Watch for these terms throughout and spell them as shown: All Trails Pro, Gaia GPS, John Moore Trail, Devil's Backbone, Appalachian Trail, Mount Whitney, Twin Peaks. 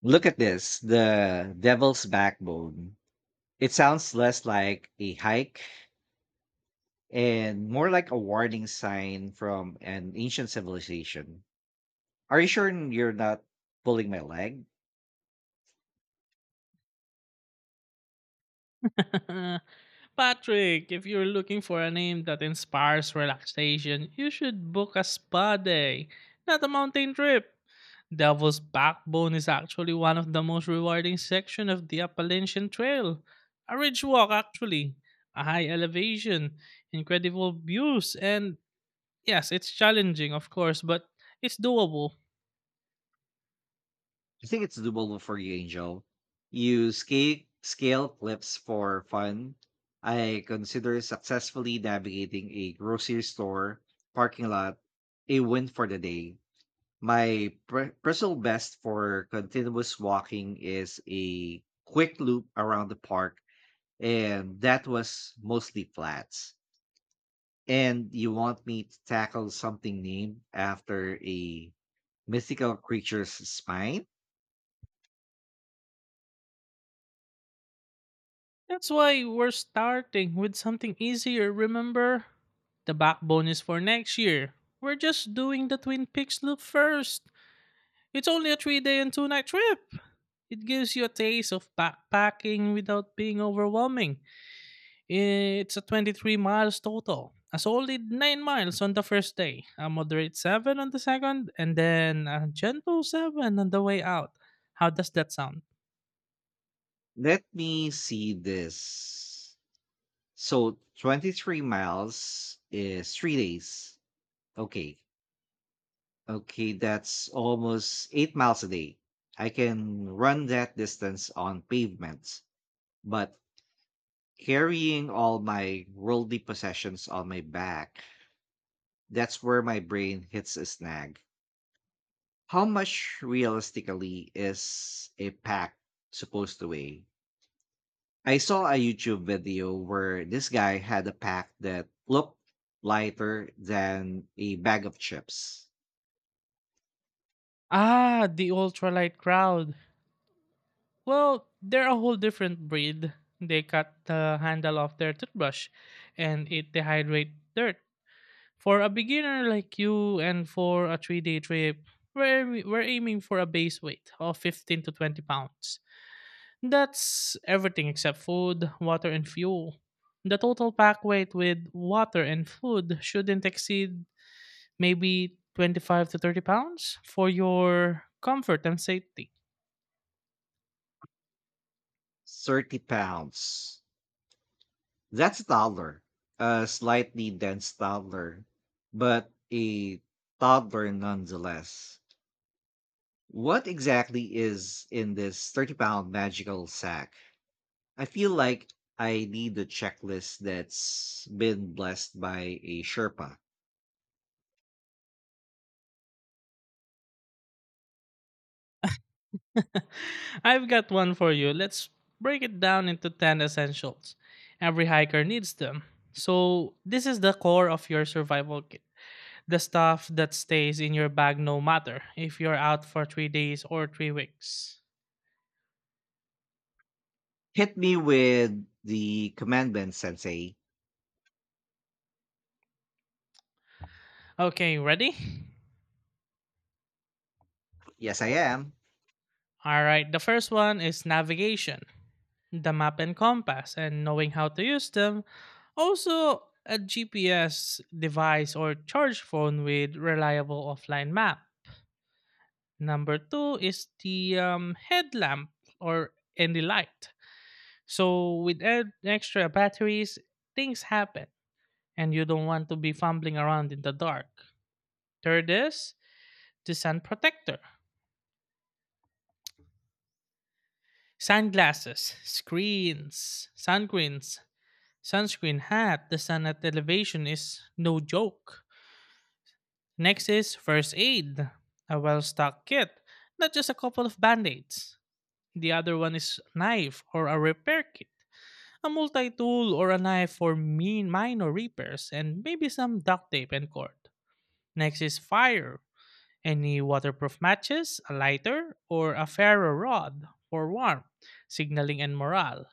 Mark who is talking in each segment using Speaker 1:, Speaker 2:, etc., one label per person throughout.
Speaker 1: Look at this, the Devil's Backbone. It sounds less like a hike and more like a warning sign from an ancient civilization. Are you sure you're not pulling my leg?
Speaker 2: Patrick, if you're looking for a name that inspires relaxation, you should book a spa day, not a mountain trip. Devil's Backbone is actually one of the most rewarding sections of the Appalachian Trail. A ridge walk, actually, a high elevation, incredible views, and yes, it's challenging, of course, but it's doable.
Speaker 1: I think it's doable for you, Angel. You scale clips for fun. I consider successfully navigating a grocery store parking lot a win for the day. My personal best for continuous walking is a quick loop around the park, and that was mostly flats. And you want me to tackle something named after a mythical creature's spine?
Speaker 2: That's why we're starting with something easier, remember? The backbone is for next year. We're just doing the Twin Peaks loop first. It's only a 3-day and 2-night trip. It gives you a taste of backpacking without being overwhelming. It's a 23 miles total. A solid 9 miles on the first day, a moderate 7 on the second, and then a gentle 7 on the way out. How does that sound?
Speaker 1: Let me see this. So 23 miles is 3 days. Okay. Okay, that's almost 8 miles a day. I can run that distance on pavement. But carrying all my worldly possessions on my back, that's where my brain hits a snag. How much realistically is a pack supposed to weigh? I saw a YouTube video where this guy had a pack that looked lighter than a bag of chips.
Speaker 2: Ah, the ultralight crowd. Well, they're a whole different breed. They cut the handle off their toothbrush and it dehydrate dirt. For a beginner like you and for a 3-day trip, we're aiming for a base weight of 15 to 20 pounds. That's everything except food, water, and fuel. The total pack weight with water and food shouldn't exceed maybe 25 to 30 pounds for your comfort and safety.
Speaker 1: 30 pounds. That's toddler, a slightly dense toddler, but a toddler nonetheless. What exactly is in this 30 pound magical sack? I feel like I need a checklist that's been blessed by a Sherpa.
Speaker 2: I've got one for you. Let's break it down into 10 essentials. Every hiker needs them. So, this is the core of your survival kit, the stuff that stays in your bag no matter if you're out for 3 days or 3 weeks.
Speaker 1: Hit me with the commandment, Sensei.
Speaker 2: Okay, ready?
Speaker 1: Yes, I am.
Speaker 2: All right, the first one is navigation, the map and compass, and knowing how to use them. Also, a GPS device or charge phone with reliable offline map. Number two is the headlamp or any light. So, with extra batteries, things happen, and you don't want to be fumbling around in the dark. Third is the sun protector, sunglasses, screens, sunscreens, sunscreen hat, the sun at elevation is no joke. Next is first aid, a well stocked kit, not just a couple of band aids. The other one is knife or a repair kit, a multi tool or a knife for mean minor repairs, and maybe some duct tape and cord. Next is fire, any waterproof matches, a lighter, or a ferro rod for warmth, signaling, and morale.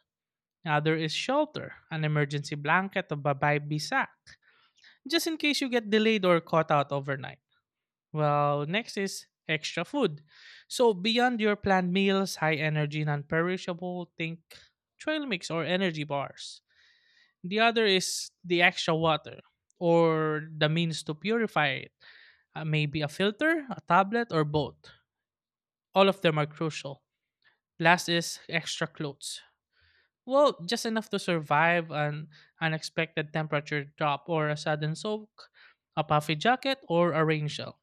Speaker 2: Other is shelter, an emergency blanket of babaybi sack, just in case you get delayed or caught out overnight. Well, next is extra food. So beyond your planned meals, high energy, non-perishable, think trail mix or energy bars. The other is the extra water or the means to purify it. Maybe a filter, a tablet, or both. All of them are crucial. Last is extra clothes. Well, just enough to survive an unexpected temperature drop or a sudden soak, a puffy jacket, or a rain shell.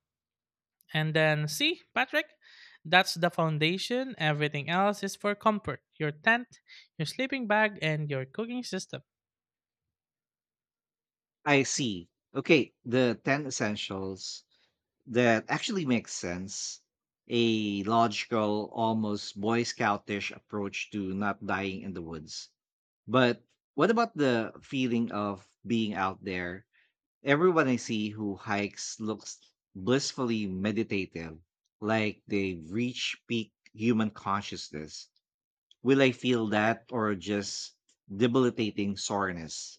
Speaker 2: And then, see, Patrick, that's the foundation. Everything else is for comfort: your tent, your sleeping bag, and your cooking system.
Speaker 1: I see. Okay, the 10 essentials. That actually makes sense. A logical, almost Boy Scoutish approach to not dying in the woods. But what about the feeling of being out there? Everyone I see who hikes looks blissfully meditative, like they've reached peak human consciousness. Will I feel that or just debilitating soreness?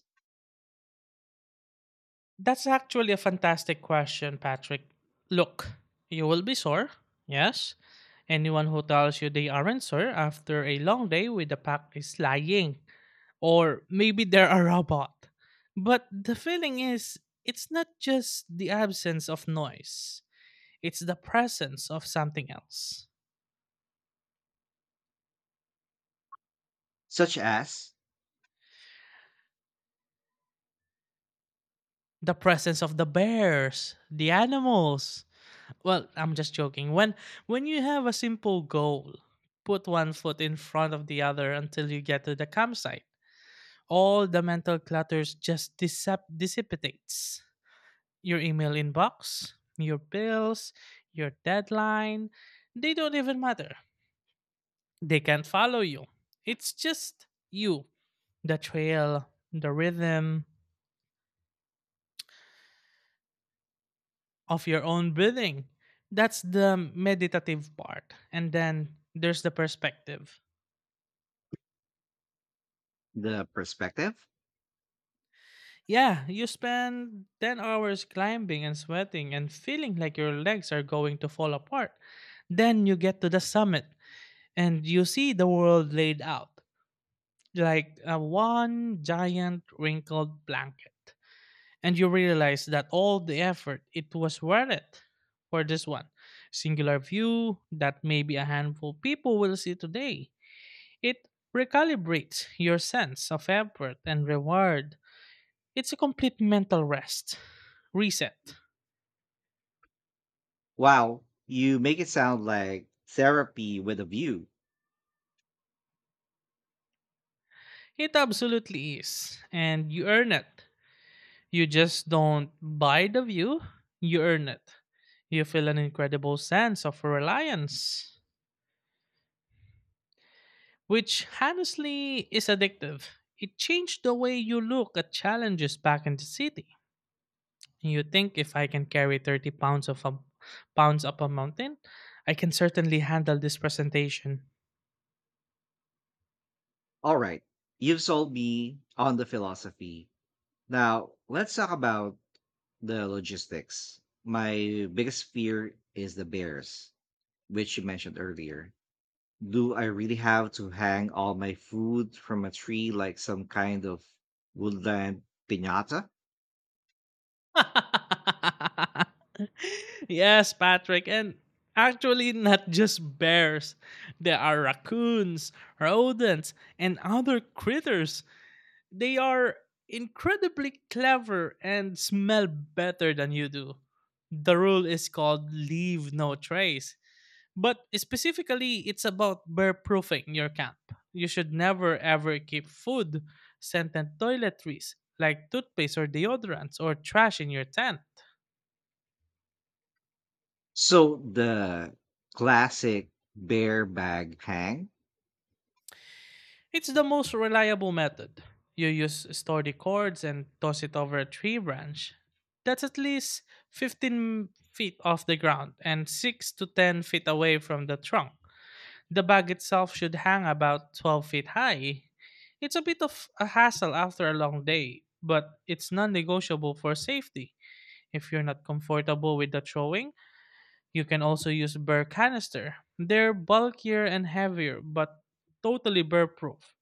Speaker 2: That's actually a fantastic question, Patrick. Look, you will be sore, yes? Anyone who tells you they aren't sore after a long day with a pack is lying. Or maybe they're a robot. But the feeling is, it's not just the absence of noise, it's the presence of something else.
Speaker 1: Such as
Speaker 2: The presence of the bears, the animals. Well, I'm just joking. When you have a simple goal, put one foot in front of the other until you get to the campsite. All the mental clutters just dissipates. Your email inbox, your bills, your deadline, they don't even matter. They can't follow you. It's just you. The trail, the rhythm of your own breathing. That's the meditative part. And then there's the perspective.
Speaker 1: the perspective?
Speaker 2: Yeah, you spend 10 hours climbing and sweating and feeling like your legs are going to fall apart. Then you get to the summit and you see the world laid out like a one giant wrinkled blanket. And you realize that all the effort, it was worth it for this one singular view that maybe a handful people will see today. It recalibrates your sense of effort and reward. It's a complete mental rest, reset.
Speaker 1: Wow, you make it sound like therapy with a view.
Speaker 2: It absolutely is, and you earn it. You just don't buy the view, you earn it. You feel an incredible sense of reliance, which honestly is addictive. It changed the way you look at challenges back in the city. You think if I can carry 30 pounds pounds up a mountain, I can certainly handle this presentation.
Speaker 1: All right, you've sold me on the philosophy. Now, let's talk about the logistics. My biggest fear is the bears, which you mentioned earlier. Do I really have to hang all my food from a tree like some kind of woodland piñata?
Speaker 2: Yes, Patrick, and actually not just bears. There are raccoons, rodents, and other critters. They are incredibly clever and smell better than you do. The rule is called leave no trace. But specifically, it's about bear proofing your camp. You should never ever keep food, scent, and toiletries like toothpaste or deodorants or trash in your tent.
Speaker 1: So, the classic bear bag hang.
Speaker 2: It's the most reliable method. You use sturdy cords and toss it over a tree branch. That's at least 15 feet off the ground and 6 to 10 feet away from the trunk. The bag itself should hang about 12 feet high. It's a bit of a hassle after a long day, but it's non negotiable for safety. If you're not comfortable with the throwing, you can also use burr canister. They're bulkier and heavier, but totally burr proof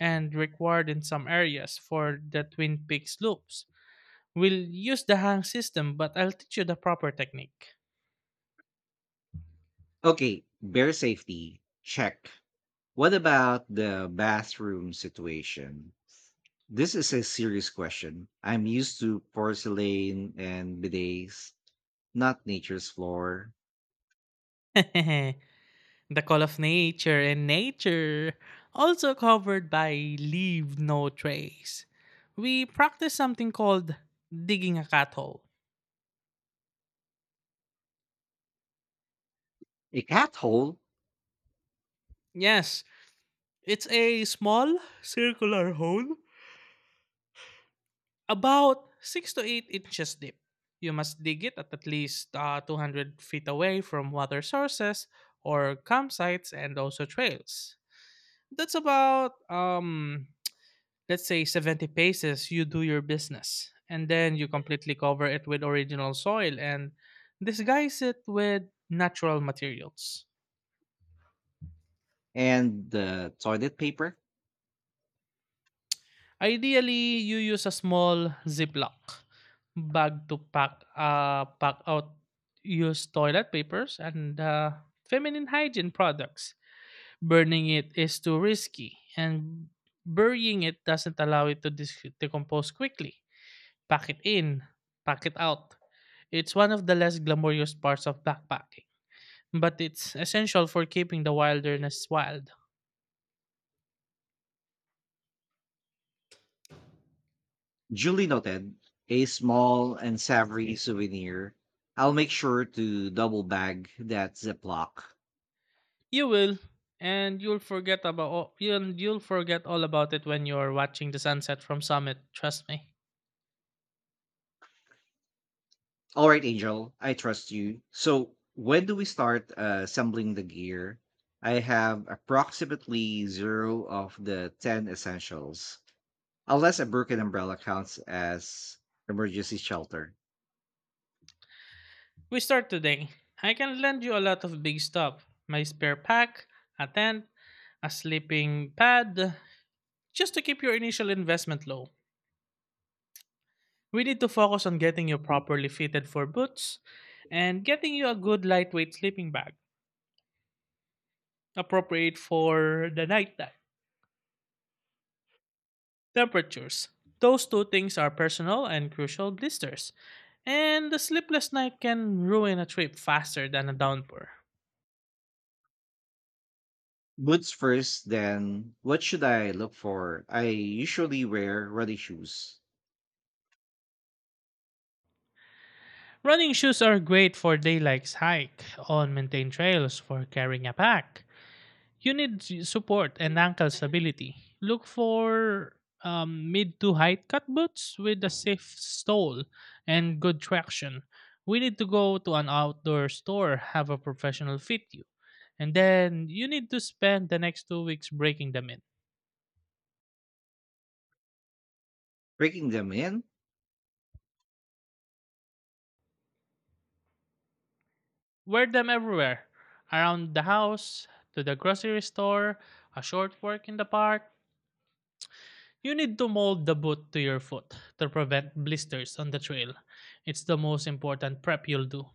Speaker 2: and required in some areas for the Twin Peaks loops. We'll use the hang system, but I'll teach you the proper technique.
Speaker 1: Okay, bear safety, check. What about the bathroom situation? This is a serious question. I'm used to porcelain and bidets, not nature's floor,
Speaker 2: The Call of Nature and Nature, also covered by Leave No Trace. We practice something called digging a cat hole.
Speaker 1: a cat hole,
Speaker 2: Yes, it's a small circular hole about 6 to 8 inches deep. You must dig it at least 200 feet away from water sources or campsites and also trails. That's about let's say 70 paces. You do your business and then you completely cover it with original soil and disguise it with natural materials.
Speaker 1: and the toilet paper.
Speaker 2: Ideally you use a small ziploc bag to pack out used toilet papers and feminine hygiene products. Burning it is too risky and burying it doesn't allow it to decompose quickly. Pack it in, pack it out. It's one of the less glamorous parts of backpacking, but it's essential for keeping the wilderness wild.
Speaker 1: Julie noted a small and savory souvenir. I'll make sure to double bag that Ziploc.
Speaker 2: You will, and you'll forget all about it when you're watching the sunset from summit, trust me.
Speaker 1: All right, Angel, I trust you. So, when do we start assembling the gear? I have approximately zero of the 10 essentials, unless a broken umbrella counts as emergency shelter.
Speaker 2: We start today. I can lend you a lot of big stuff. My spare pack, a tent, a sleeping pad, just to keep your initial investment low. We need to focus on getting you properly fitted for boots and getting you a good lightweight sleeping bag appropriate for the nighttime temperatures. Those two things are personal and crucial. Blisters and the sleepless night can ruin a trip faster than a downpour.
Speaker 1: Boots first, then what should I look for? I usually wear running shoes.
Speaker 2: Running shoes are great for daylight's hike on maintained trails. For carrying a pack, you need support and ankle stability. Look for mid to height cut boots with a safe sole and good traction. We need to go to an outdoor store, have a professional fit you. And then you need to spend the next 2 weeks breaking them in.
Speaker 1: Breaking them in,
Speaker 2: Wear them everywhere, around the house, to the grocery store, a short walk in the park. You need to mold the boot to your foot to prevent blisters on the trail. It's the most important prep you'll do.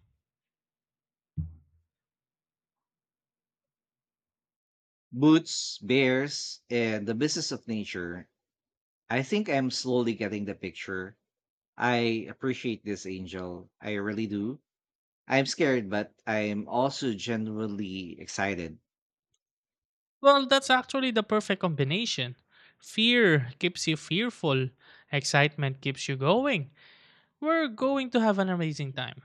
Speaker 1: boots, bears, and the business of nature. I think I'm slowly getting the picture. I appreciate this, Angel. I really do. I'm scared, but I'm also genuinely excited.
Speaker 2: Well, that's actually the perfect combination. Fear keeps you fearful, excitement keeps you going. We're going to have an amazing time.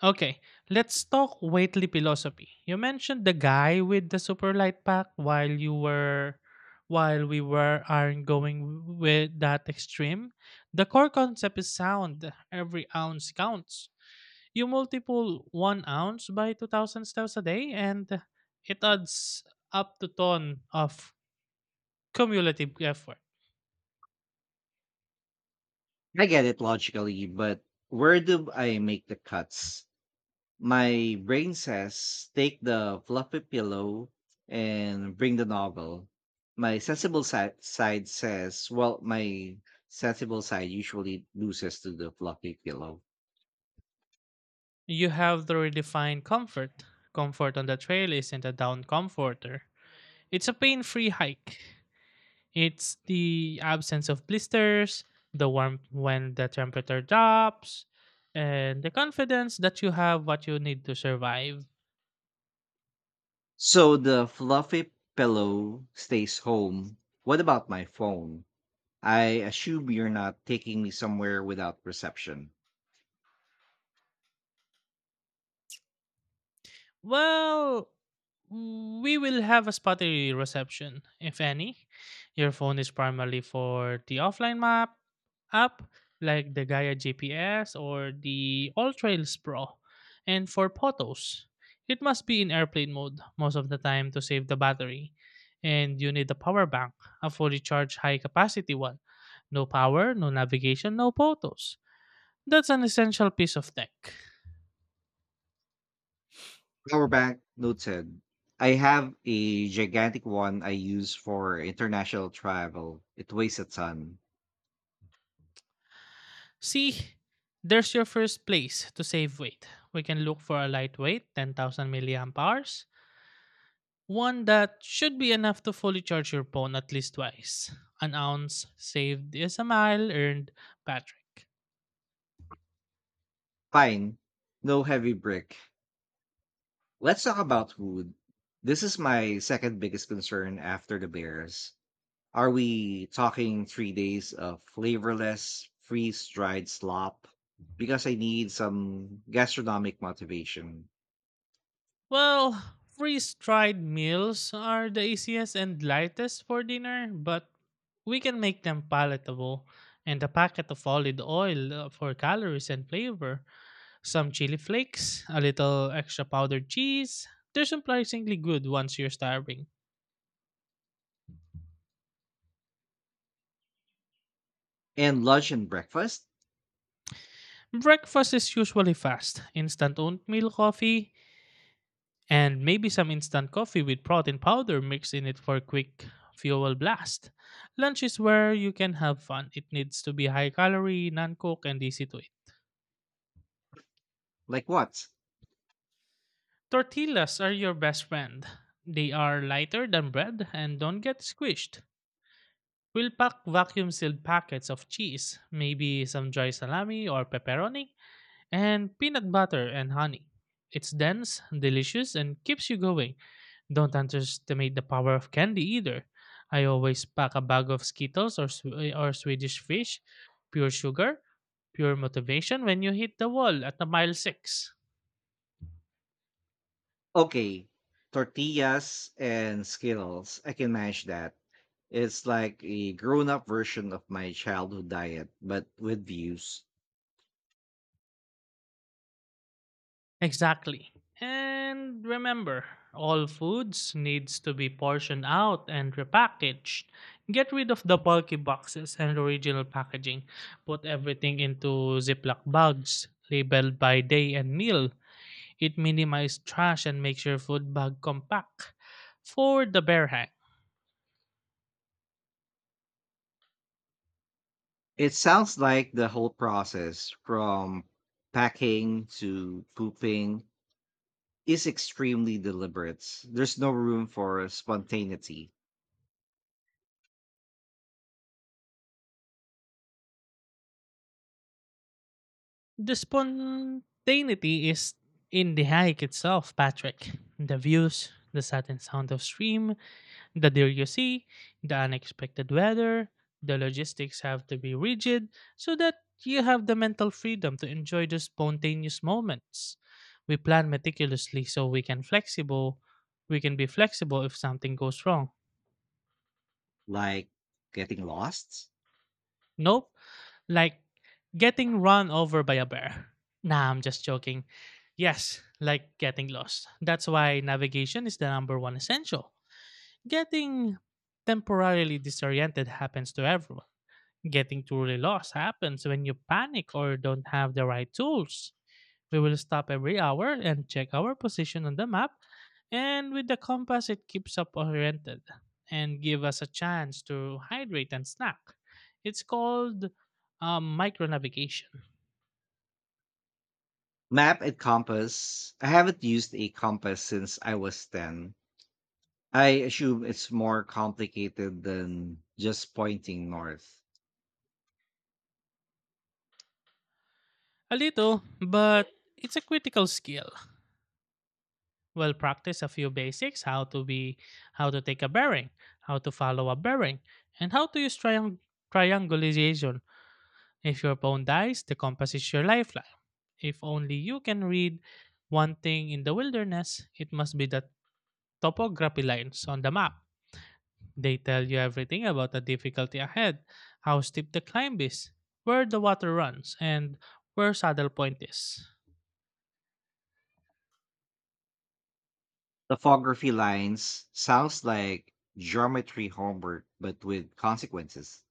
Speaker 2: Okay, let's talk weightlifting philosophy. You mentioned the guy with the super light pack while we were aren't going with that extreme. The core concept is sound. Every ounce counts. You multiple 1 ounce by 2,000 steps a day and it adds up to ton of cumulative effort.
Speaker 1: I get it logically, but where do I make the cuts? My brain says take the fluffy pillow and bring the novel. My sensible side says, well, my sensible side usually loses to the fluffy pillow.
Speaker 2: You have to redefine comfort. Comfort on the trail isn't a down comforter. It's a pain-free hike. It's the absence of blisters, the warmth when the temperature drops, and the confidence that you have what you need to survive.
Speaker 1: So the fluffy pillow stays home. What about my phone? I assume you're not taking me somewhere without reception.
Speaker 2: Well, we will have a spotty reception, if any. Your phone is primarily for the offline map app, like the Gaia GPS or the All Trails Pro, and for photos. It must be in airplane mode most of the time to save the battery. And you need a power bank, a fully charged high capacity one. No power, no navigation, no photos. That's an essential piece of tech.
Speaker 1: Power bank noted. I have a gigantic one I use for international travel. It weighs a ton.
Speaker 2: See, there's your first place to save weight. We can look for a lightweight 10,000 milliamp hours, one that should be enough to fully charge your phone at least twice. An ounce saved is a mile earned, Patrick.
Speaker 1: Fine. No heavy brick. Let's talk about food. This is my second biggest concern after the bears. Are we talking 3 days of flavorless, freeze dried slop? Because I need some gastronomic motivation.
Speaker 2: Well, freeze dried meals are the easiest and lightest for dinner, but we can make them palatable. And a packet of olive oil for calories and flavor, some chili flakes, a little extra powdered cheese. They're surprisingly good once you're starving.
Speaker 1: And lunch and breakfast?
Speaker 2: Breakfast is usually fast instant oatmeal coffee, and maybe some instant coffee with protein powder mixed in it for a quick fuel blast. Lunch is where you can have fun. It needs to be high calorie, non cooked, and easy to eat.
Speaker 1: Like what?
Speaker 2: Tortillas are your best friend. They are lighter than bread and don't get squished. We'll pack vacuum sealed packets of cheese, maybe some dry salami or pepperoni, and peanut butter and honey. It's dense, delicious, and keeps you going. Don't underestimate the power of candy either. I always pack a bag of Skittles or Swedish fish, pure sugar, pure motivation when you hit the wall at the mile 6.
Speaker 1: Okay, tortillas and Skittles. I can manage that. It's like a grown-up version of my childhood diet, but with views.
Speaker 2: Exactly. And remember, all foods needs to be portioned out and repackaged. Get rid of the bulky boxes and original packaging. Put everything into Ziploc bags labeled by day and meal. It minimizes trash and makes your food bag compact for the bear hike.
Speaker 1: It sounds like the whole process from packing to pooping is extremely deliberate. There's no room for spontaneity,
Speaker 2: The spontaneity is in the hike itself, Patrick. The views, the sudden sound of stream, the deer you see, the unexpected weather, the logistics have to be rigid so that you have the mental freedom to enjoy the spontaneous moments. We plan meticulously so we can flexible we can be flexible if something goes wrong.
Speaker 1: like getting lost.
Speaker 2: Nope. Like getting run over by a bear. Nah, I'm just joking. Yes, like getting lost. That's why navigation is the number one essential. Getting temporarily disoriented happens to everyone. Getting truly lost happens when you panic or don't have the right tools. We will stop every hour and check our position on the map, and with the compass, it keeps us oriented and give us a chance to hydrate and snack. It's called micro navigation.
Speaker 1: Map and compass. I haven't used a compass since I was 10. I assume it's more complicated than just pointing north.
Speaker 2: A little, but it's a critical skill. We'll practice a few basics: how to take a bearing, how to follow a bearing, and how to use triangulation. If your phone dies, the compass is your lifeline. If only you can read one thing in the wilderness, it must be the topography lines on the map. They tell you everything about the difficulty ahead, how steep the climb is, where the water runs, and where Saddle Point is.
Speaker 1: Topography lines sounds like geometry homework, but with consequences.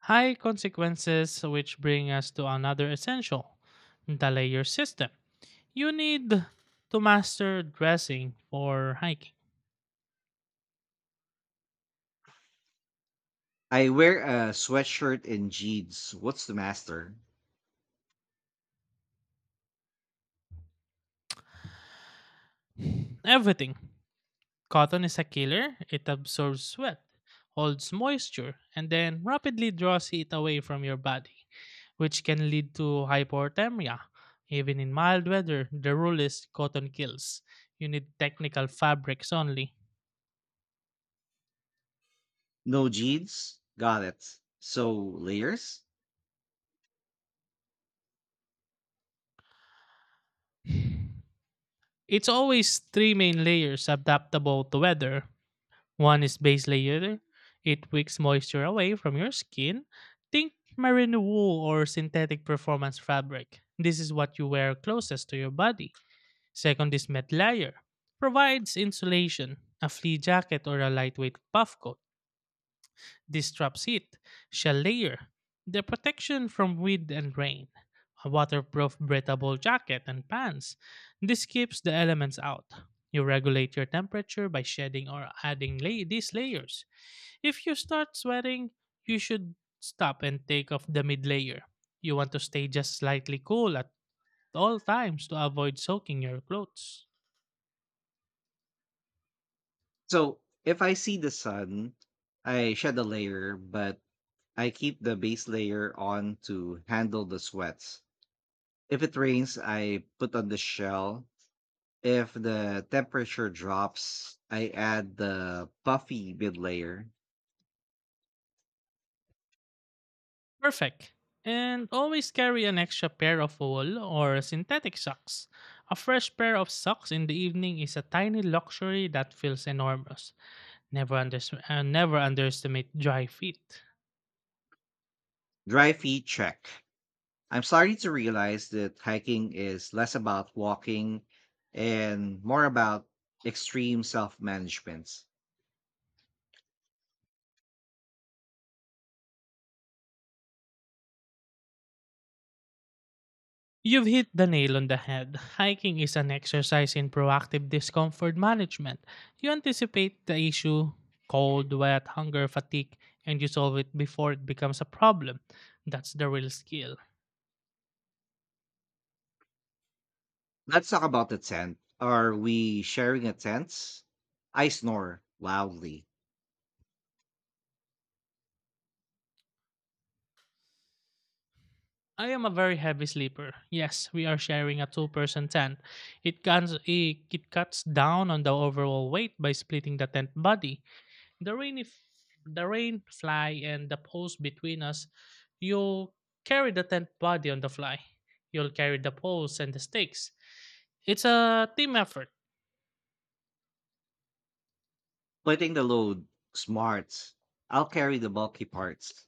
Speaker 2: High consequences, which bring us to another essential, the layer system. You need to master dressing for hiking.
Speaker 1: I wear a sweatshirt and jeans. What's the master?
Speaker 2: Everything. Cotton is a killer. It absorbs sweat, holds moisture, and then rapidly draws it away from your body, which can lead to hypothermia. Even in mild weather, the rule is cotton kills. You need technical fabrics only.
Speaker 1: No jeans? Got it. So layers?
Speaker 2: It's always three main layers adaptable to weather. One is base layer. It wicks moisture away from your skin. Think merino wool or synthetic performance fabric. This is what you wear closest to your body. Second is Met layer. Provides insulation, a flea jacket or a lightweight puff coat. This traps heat. Shell layer. The protection from wind and rain. A waterproof breathable jacket and pants. This keeps the elements out. You regulate your temperature by shedding or adding these layers. If you start sweating, you should stop and take off the mid layer. You want to stay just slightly cool at all times to avoid soaking your clothes.
Speaker 1: So if I see the sun, I shed a layer, but I keep the base layer on to handle the sweats. If it rains, I put on the shell. If the temperature drops, I add the puffy mid layer.
Speaker 2: Perfect. And always carry an extra pair of wool or synthetic socks. A fresh pair of socks in the evening is a tiny luxury that feels enormous. Never underestimate dry feet.
Speaker 1: Dry feet check. I'm starting to realize that hiking is less about walking and more about extreme self management.
Speaker 2: You've hit the nail on the head. Hiking is an exercise in proactive discomfort management. You anticipate the issue, cold, wet, hunger, fatigue, and you solve it before it becomes a problem. That's the real skill.
Speaker 1: Let's talk about the tent. Are we sharing a tent? I snore loudly,
Speaker 2: I am a very heavy sleeper. Yes, we are sharing a two-person tent. It cuts down on the overall weight by splitting the tent body. The rain if The rain fly and the poles between us, you'll carry the tent body on the fly. You'll carry the poles and the stakes. It's a team effort.
Speaker 1: putting the load smart. I'll carry the bulky parts.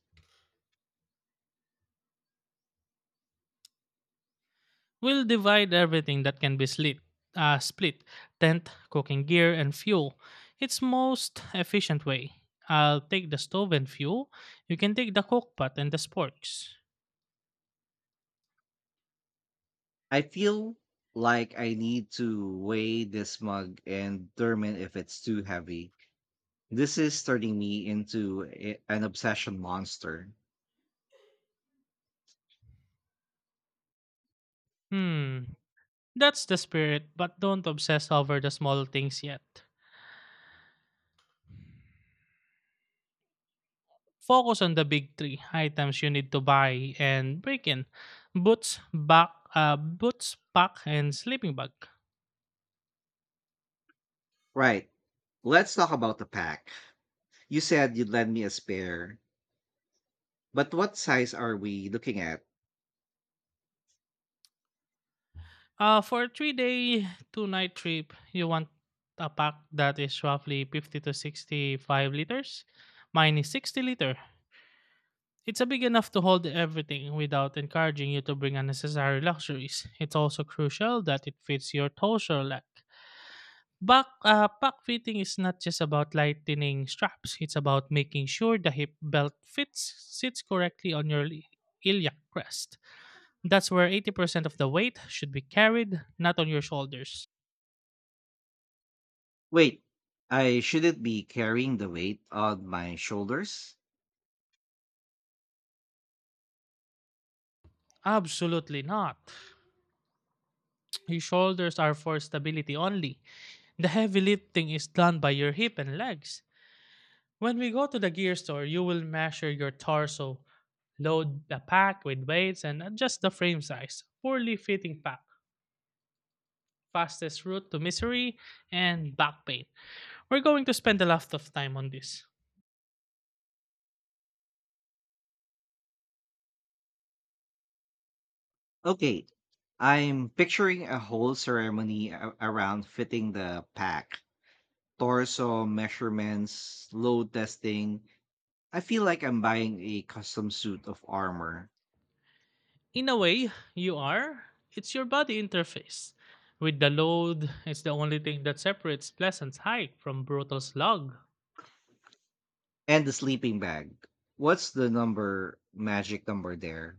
Speaker 2: We'll divide everything that can be split, tent, cooking gear, and fuel. It's most efficient way. I'll take the stove and fuel. You can take the cook pot and the sporks.
Speaker 1: I feel like I need to weigh this mug and determine if it's too heavy. This is turning me into an obsession monster.
Speaker 2: Hmm, that's the spirit, but don't obsess over the small things yet. Focus on the big three items you need to buy and break in: boots, back, boots, pack, and sleeping bag.
Speaker 1: Right. Let's talk about the pack. You said you'd lend me a spare, but what size are we looking at?
Speaker 2: For a 3 day, two night trip, you want a pack that is roughly 50 to 65 liters. Mine is 60 liter. It's a big enough to hold everything without encouraging you to bring unnecessary luxuries. It's also crucial that it fits your torso lack. Pack fitting is not just about lightening straps. It's about making sure the hip belt fits sits correctly on your iliac crest. That's where 80% of the weight should be carried, not on your shoulders.
Speaker 1: Wait, I shouldn't be carrying the weight on my shoulders?
Speaker 2: Absolutely not. Your shoulders are for stability only. The heavy lifting is done by your hip and legs. When we go to the gear store, you will measure your torso, load the pack with weights, and adjust the frame size. Poorly fitting pack. Fastest route to misery and back pain. We're going to spend a lot of time on this.
Speaker 1: Okay, I'm picturing a whole ceremony around fitting the pack, torso measurements, load testing. I feel like I'm buying a custom suit of armor
Speaker 2: In a way, you are. It's your body interface. With the load, it's the only thing that separates pleasant hike from brutal slog.
Speaker 1: and the sleeping bag. What's the number, magic number there?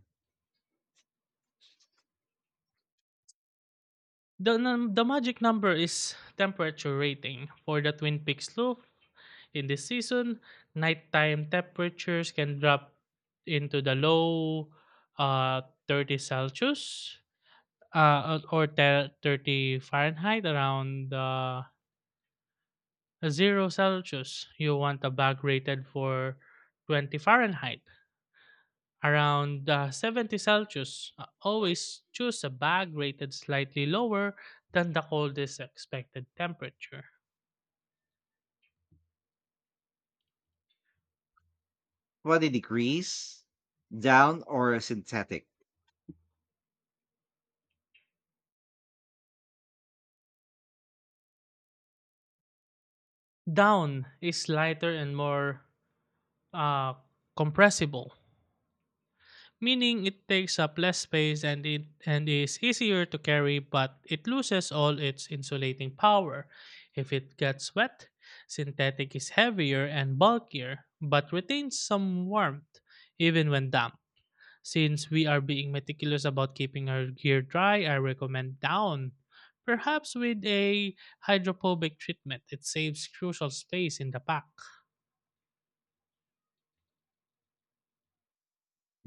Speaker 2: The magic number is temperature rating. For the Twin Peaks loop in this season, nighttime temperatures can drop into the low 30 Celsius 30 Fahrenheit around 0 Celsius. You want a bag rated for 20 Fahrenheit around 70 Celsius. Always choose a bag rated slightly lower than the coldest expected temperature.
Speaker 1: 20 degrees? Down or a synthetic?
Speaker 2: Down is lighter and more uh, compressible, meaning it takes up less space and it and is easier to carry, but it loses all its insulating power. If it gets wet, synthetic is heavier and bulkier, but retains some warmth even when damp. Since we are being meticulous about keeping our gear dry, I recommend down. Perhaps with a hydrophobic treatment, it saves crucial space in the pack.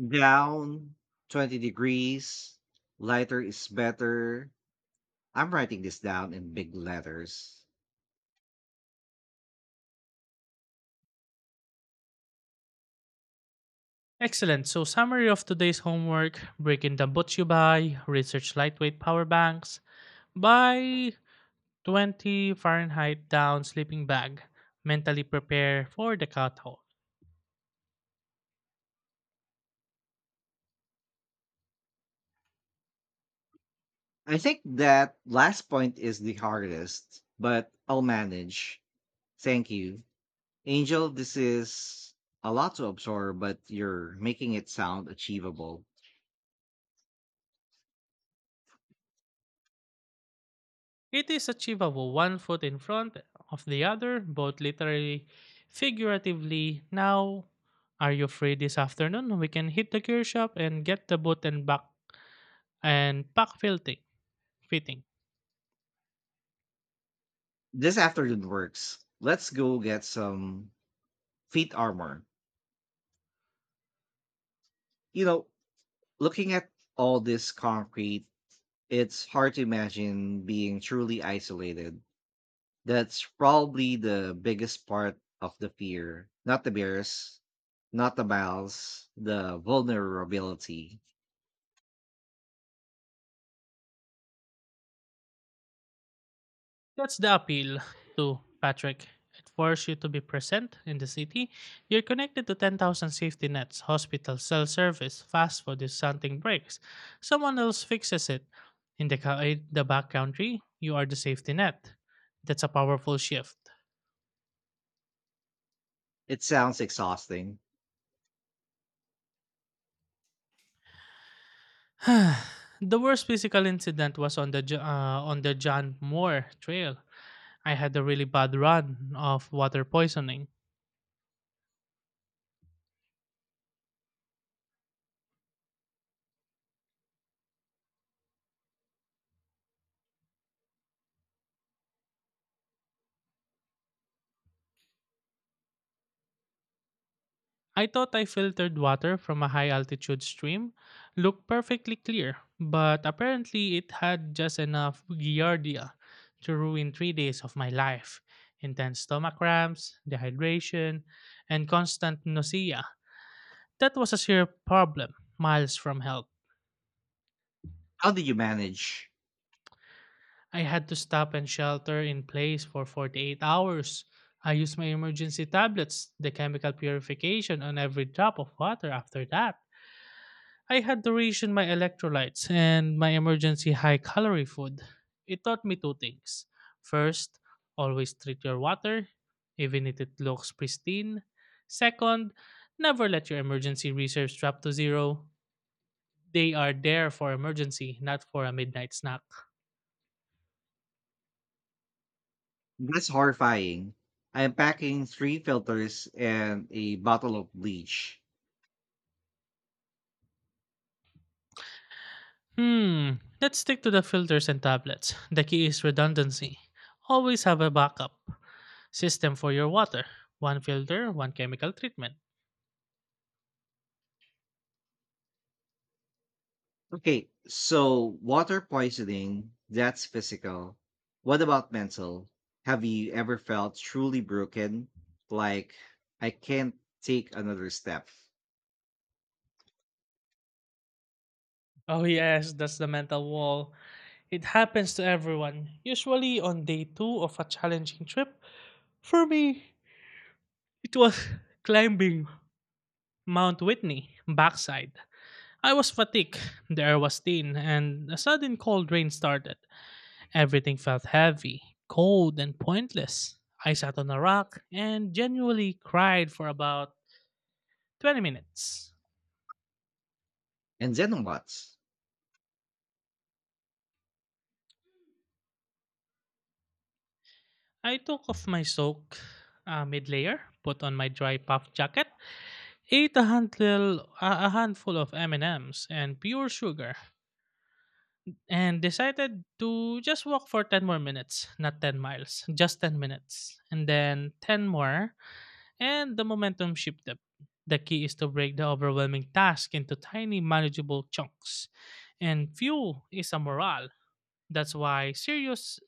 Speaker 1: Down, 20 degrees, lighter is better. I'm writing this down in big letters.
Speaker 2: Excellent. So, summary of today's homework: breaking down Botsubai, research lightweight power banks, buy 20 Fahrenheit down sleeping bag, mentally prepare for the cutoff.
Speaker 1: I think that last point is the hardest, but I'll manage. Thank you. Angel, this is a lot to absorb, but you're making it sound achievable.
Speaker 2: It is achievable, one foot in front of the other, both literally, figuratively. Now, are you free this afternoon? We can hit the gear shop and get the boot and back and pack fitting.
Speaker 1: This afternoon works. Let's go get some feet armor. You know, looking at all this concrete, it's hard to imagine being truly isolated. That's probably the biggest part of the fear. Not the bears, not the miles, the vulnerability.
Speaker 2: That's the appeal to Patrick. It forces you to be present in the city. You're connected to 10,000 safety nets, hospitals, cell service, fast food. If something breaks, someone else fixes it. In the back country, you are the safety net. That's a powerful shift.
Speaker 1: It sounds exhausting.
Speaker 2: The worst physical incident was on the on the John Moore Trail. I had a really bad run of water poisoning. I thought I filtered water from a high altitude stream, looked perfectly clear, but apparently it had just enough giardia to ruin 3 days of my life. Intense stomach cramps, dehydration, and constant nausea. That was a serious problem, miles from help.
Speaker 1: How do you manage?
Speaker 2: I had to stop and shelter in place for 48 hours. I used my emergency tablets, the chemical purification on every drop of water after that. I had to ration my electrolytes and my emergency high calorie food. It taught me two things. First, always treat your water, even if it looks pristine. Second, never let your emergency reserves drop to zero. They are there for emergency, not for a midnight snack.
Speaker 1: That's horrifying. I am packing three filters and a bottle of bleach.
Speaker 2: Hmm, let's stick to the filters and tablets. The key is redundancy. Always have a backup system for your water, one filter, one chemical treatment.
Speaker 1: Okay, so water poisoning, that's physical. What about mental? Have you ever felt truly broken? Like, I can't take another step.
Speaker 2: Oh yes, that's the mental wall. It happens to everyone, usually on day two of a challenging trip. For me, it was climbing Mount Whitney backside. I was fatigued, the air was thin, and a sudden cold rain started. Everything felt heavy, cold, and pointless. I sat on a rock and genuinely cried for about 20 minutes.
Speaker 1: And then what?
Speaker 2: I took off my soak mid layer, put on my dry puff jacket, ate a handful of M&Ms and M's and pure sugar and decided to just walk for 10 more minutes, not 10 miles, just 10 minutes. And then 10 more and the momentum shifted. The key is to break the overwhelming task into tiny manageable chunks. And few is a morale. That's why serious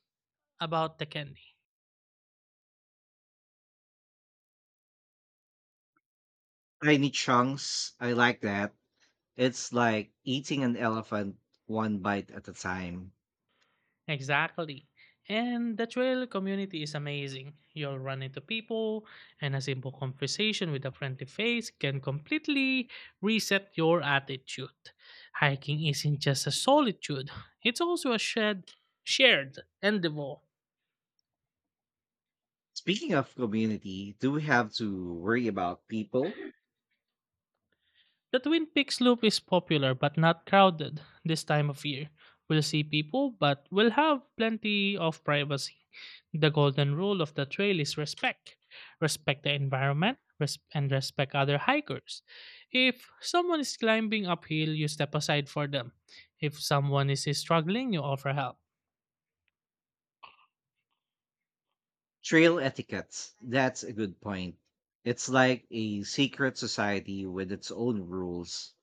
Speaker 2: about the candy.
Speaker 1: Tiny chunks. I like that. It's like eating an elephant one bite at a time.
Speaker 2: Exactly. And the trail community is amazing. You'll run into people, and a simple conversation with a friendly face can completely reset your attitude. Hiking isn't just a solitude, it's also a shared endeavor.
Speaker 1: Speaking of community, do we have to worry about people?
Speaker 2: The Twin Peaks Loop is popular but not crowded this time of year. We'll see people, but we'll have plenty of privacy. The golden rule of the trail is respect. Respect the environment and respect other hikers. If someone is climbing uphill, you step aside for them. If someone is struggling, you offer help.
Speaker 1: Trail etiquette. That's a good point. It's like a secret society with its own rules.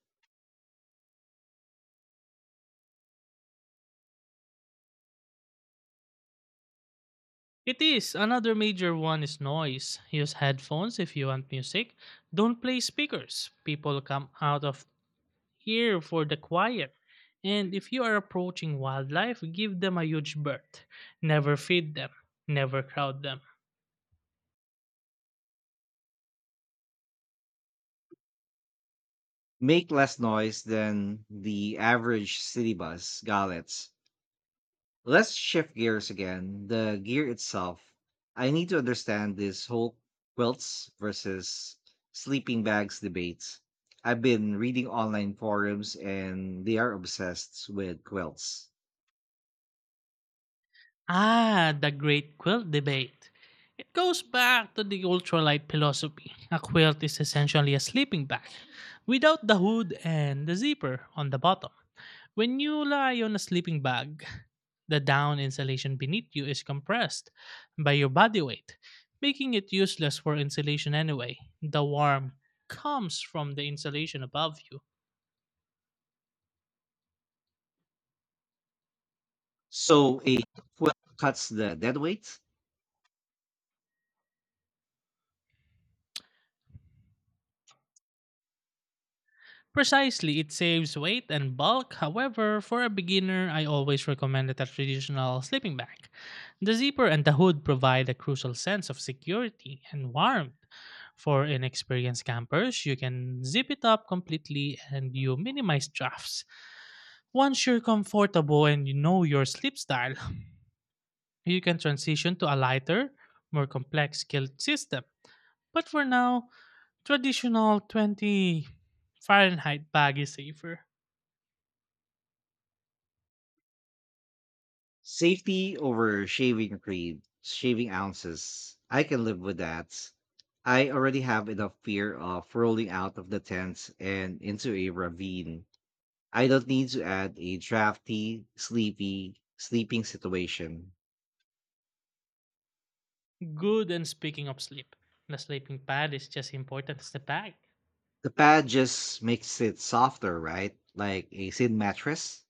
Speaker 2: It is. Another major one is noise. Use headphones if you want music. Don't play speakers. People come out of here for the quiet. And if you are approaching wildlife, give them a huge berth. Never feed them. Never crowd them.
Speaker 1: Make less noise than the average city bus, Gallets. Let's shift gears again. The gear itself. I need to understand this whole quilts versus sleeping bags debates. I've been reading online forums and they are obsessed with quilts.
Speaker 2: Ah, the Great Quilt Debate. It goes back to the ultralight philosophy. A quilt is essentially a sleeping bag without the hood and the zipper on the bottom. When you lie on a sleeping bag, the down insulation beneath you is compressed by your body weight, making it useless for insulation anyway. The warmth comes from the insulation above you.
Speaker 1: So it cuts the dead weight,
Speaker 2: Precisely, it saves weight and bulk. However, for a beginner, I always recommend a traditional sleeping bag. The zipper and the hood provide a crucial sense of security and warmth. For inexperienced campers, you can zip it up completely and you minimize drafts. Once you're comfortable and you know your sleep style, you can transition to a lighter, more complex kilt system. But for now, traditional 20 Fahrenheit bag is safer.
Speaker 1: safety over shaving creed, shaving ounces. I can live with that. I already have enough fear of rolling out of the tent and into a ravine. I don't need to add a drafty, sleepy, sleeping situation.
Speaker 2: Good, and speaking of sleep, the sleeping pad is just important as the bag.
Speaker 1: The pad just makes it softer, right? Like a thin mattress,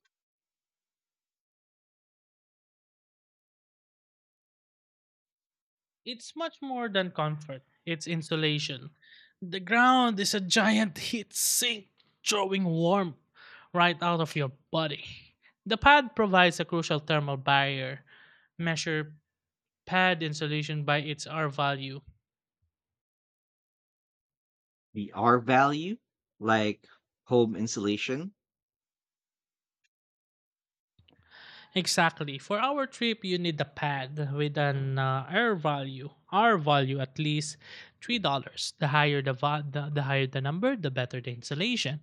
Speaker 2: It's much more than comfort, it's insulation. The ground is a giant heat sink, drawing warmth right out of your body. The pad provides a crucial thermal barrier. Measure pad insulation by its R value.
Speaker 1: the R value, like home insulation.
Speaker 2: Exactly. For our trip, you need a pad with an R value at least $3. The higher the higher the number, the better the insulation.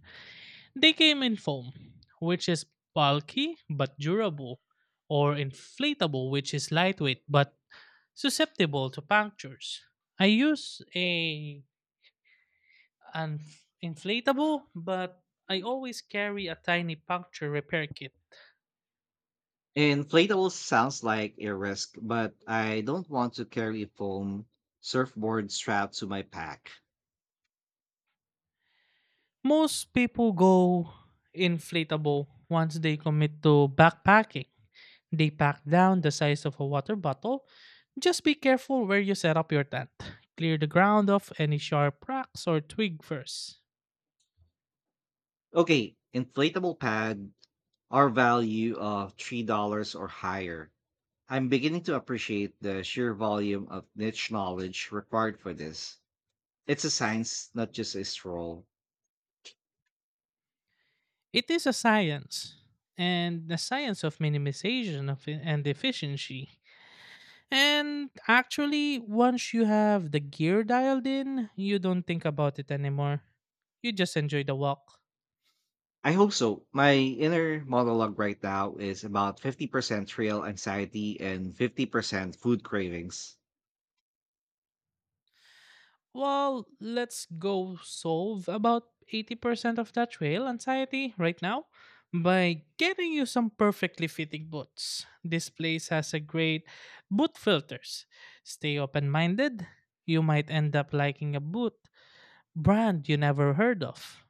Speaker 2: They came in foam, which is bulky but durable, or inflatable, which is lightweight but susceptible to punctures. I use a an inflatable, but I always carry a tiny puncture repair kit.
Speaker 1: Inflatable sounds like a risk, but I don't want to carry a foam surfboard strapped to my pack.
Speaker 2: Most people go inflatable once they commit to backpacking. They pack down the size of a water bottle. Just be careful where you set up your tent. Clear the ground of any sharp rocks or twig first.
Speaker 1: Okay, inflatable pad, R value of $3 or higher. I'm beginning to appreciate the sheer volume of niche knowledge required for this. It's a science, not just a stroll.
Speaker 2: It is a science, and the science of minimization of and efficiency. And actually, once you have the gear dialed in, you don't think about it anymore. You just enjoy the walk.
Speaker 1: I hope so. My inner monologue right now is about 50% real anxiety and 50% food cravings.
Speaker 2: Well, let's go solve about 80% of that trail anxiety right now by getting you some perfectly fitting boots. This place has a great boot filters. Stay open-minded. You might end up liking a boot brand you never heard of.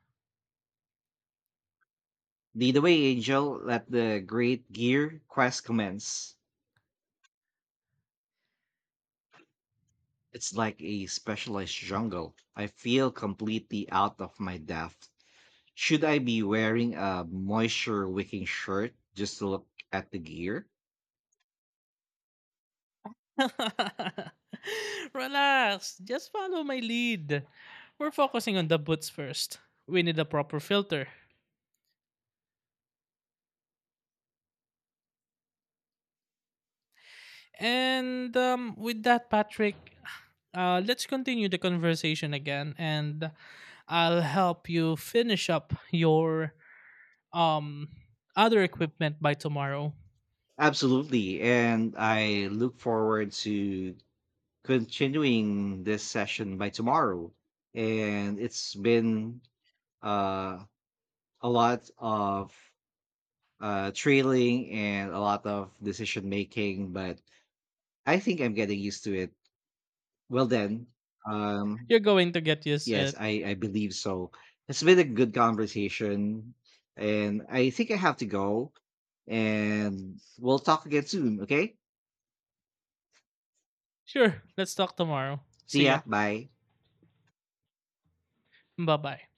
Speaker 1: Lead away, Angel. Let the great gear quest commence. It's like a specialized jungle. I feel completely out of my depth. Should I be wearing a moisture wicking shirt just to look at the gear?
Speaker 2: Relax, just follow my lead. We're focusing on the boots first. We need a proper filter. And with that, Patrick, let's continue the conversation again, and I'll help you finish up your um other equipment by tomorrow.
Speaker 1: Absolutely. And I look forward to continuing this session by tomorrow. And it's been uh, a lot of trailing and a lot of decision making, but I think I'm getting used to it. Well, then, um,
Speaker 2: You're going to get used to
Speaker 1: yes,
Speaker 2: it.
Speaker 1: I believe so. It's been a good conversation. And I think I have to go. And we'll talk again soon. Okay.
Speaker 2: Sure, let's talk tomorrow.
Speaker 1: See
Speaker 2: See ya.
Speaker 1: ya. Bye.
Speaker 2: Bye bye.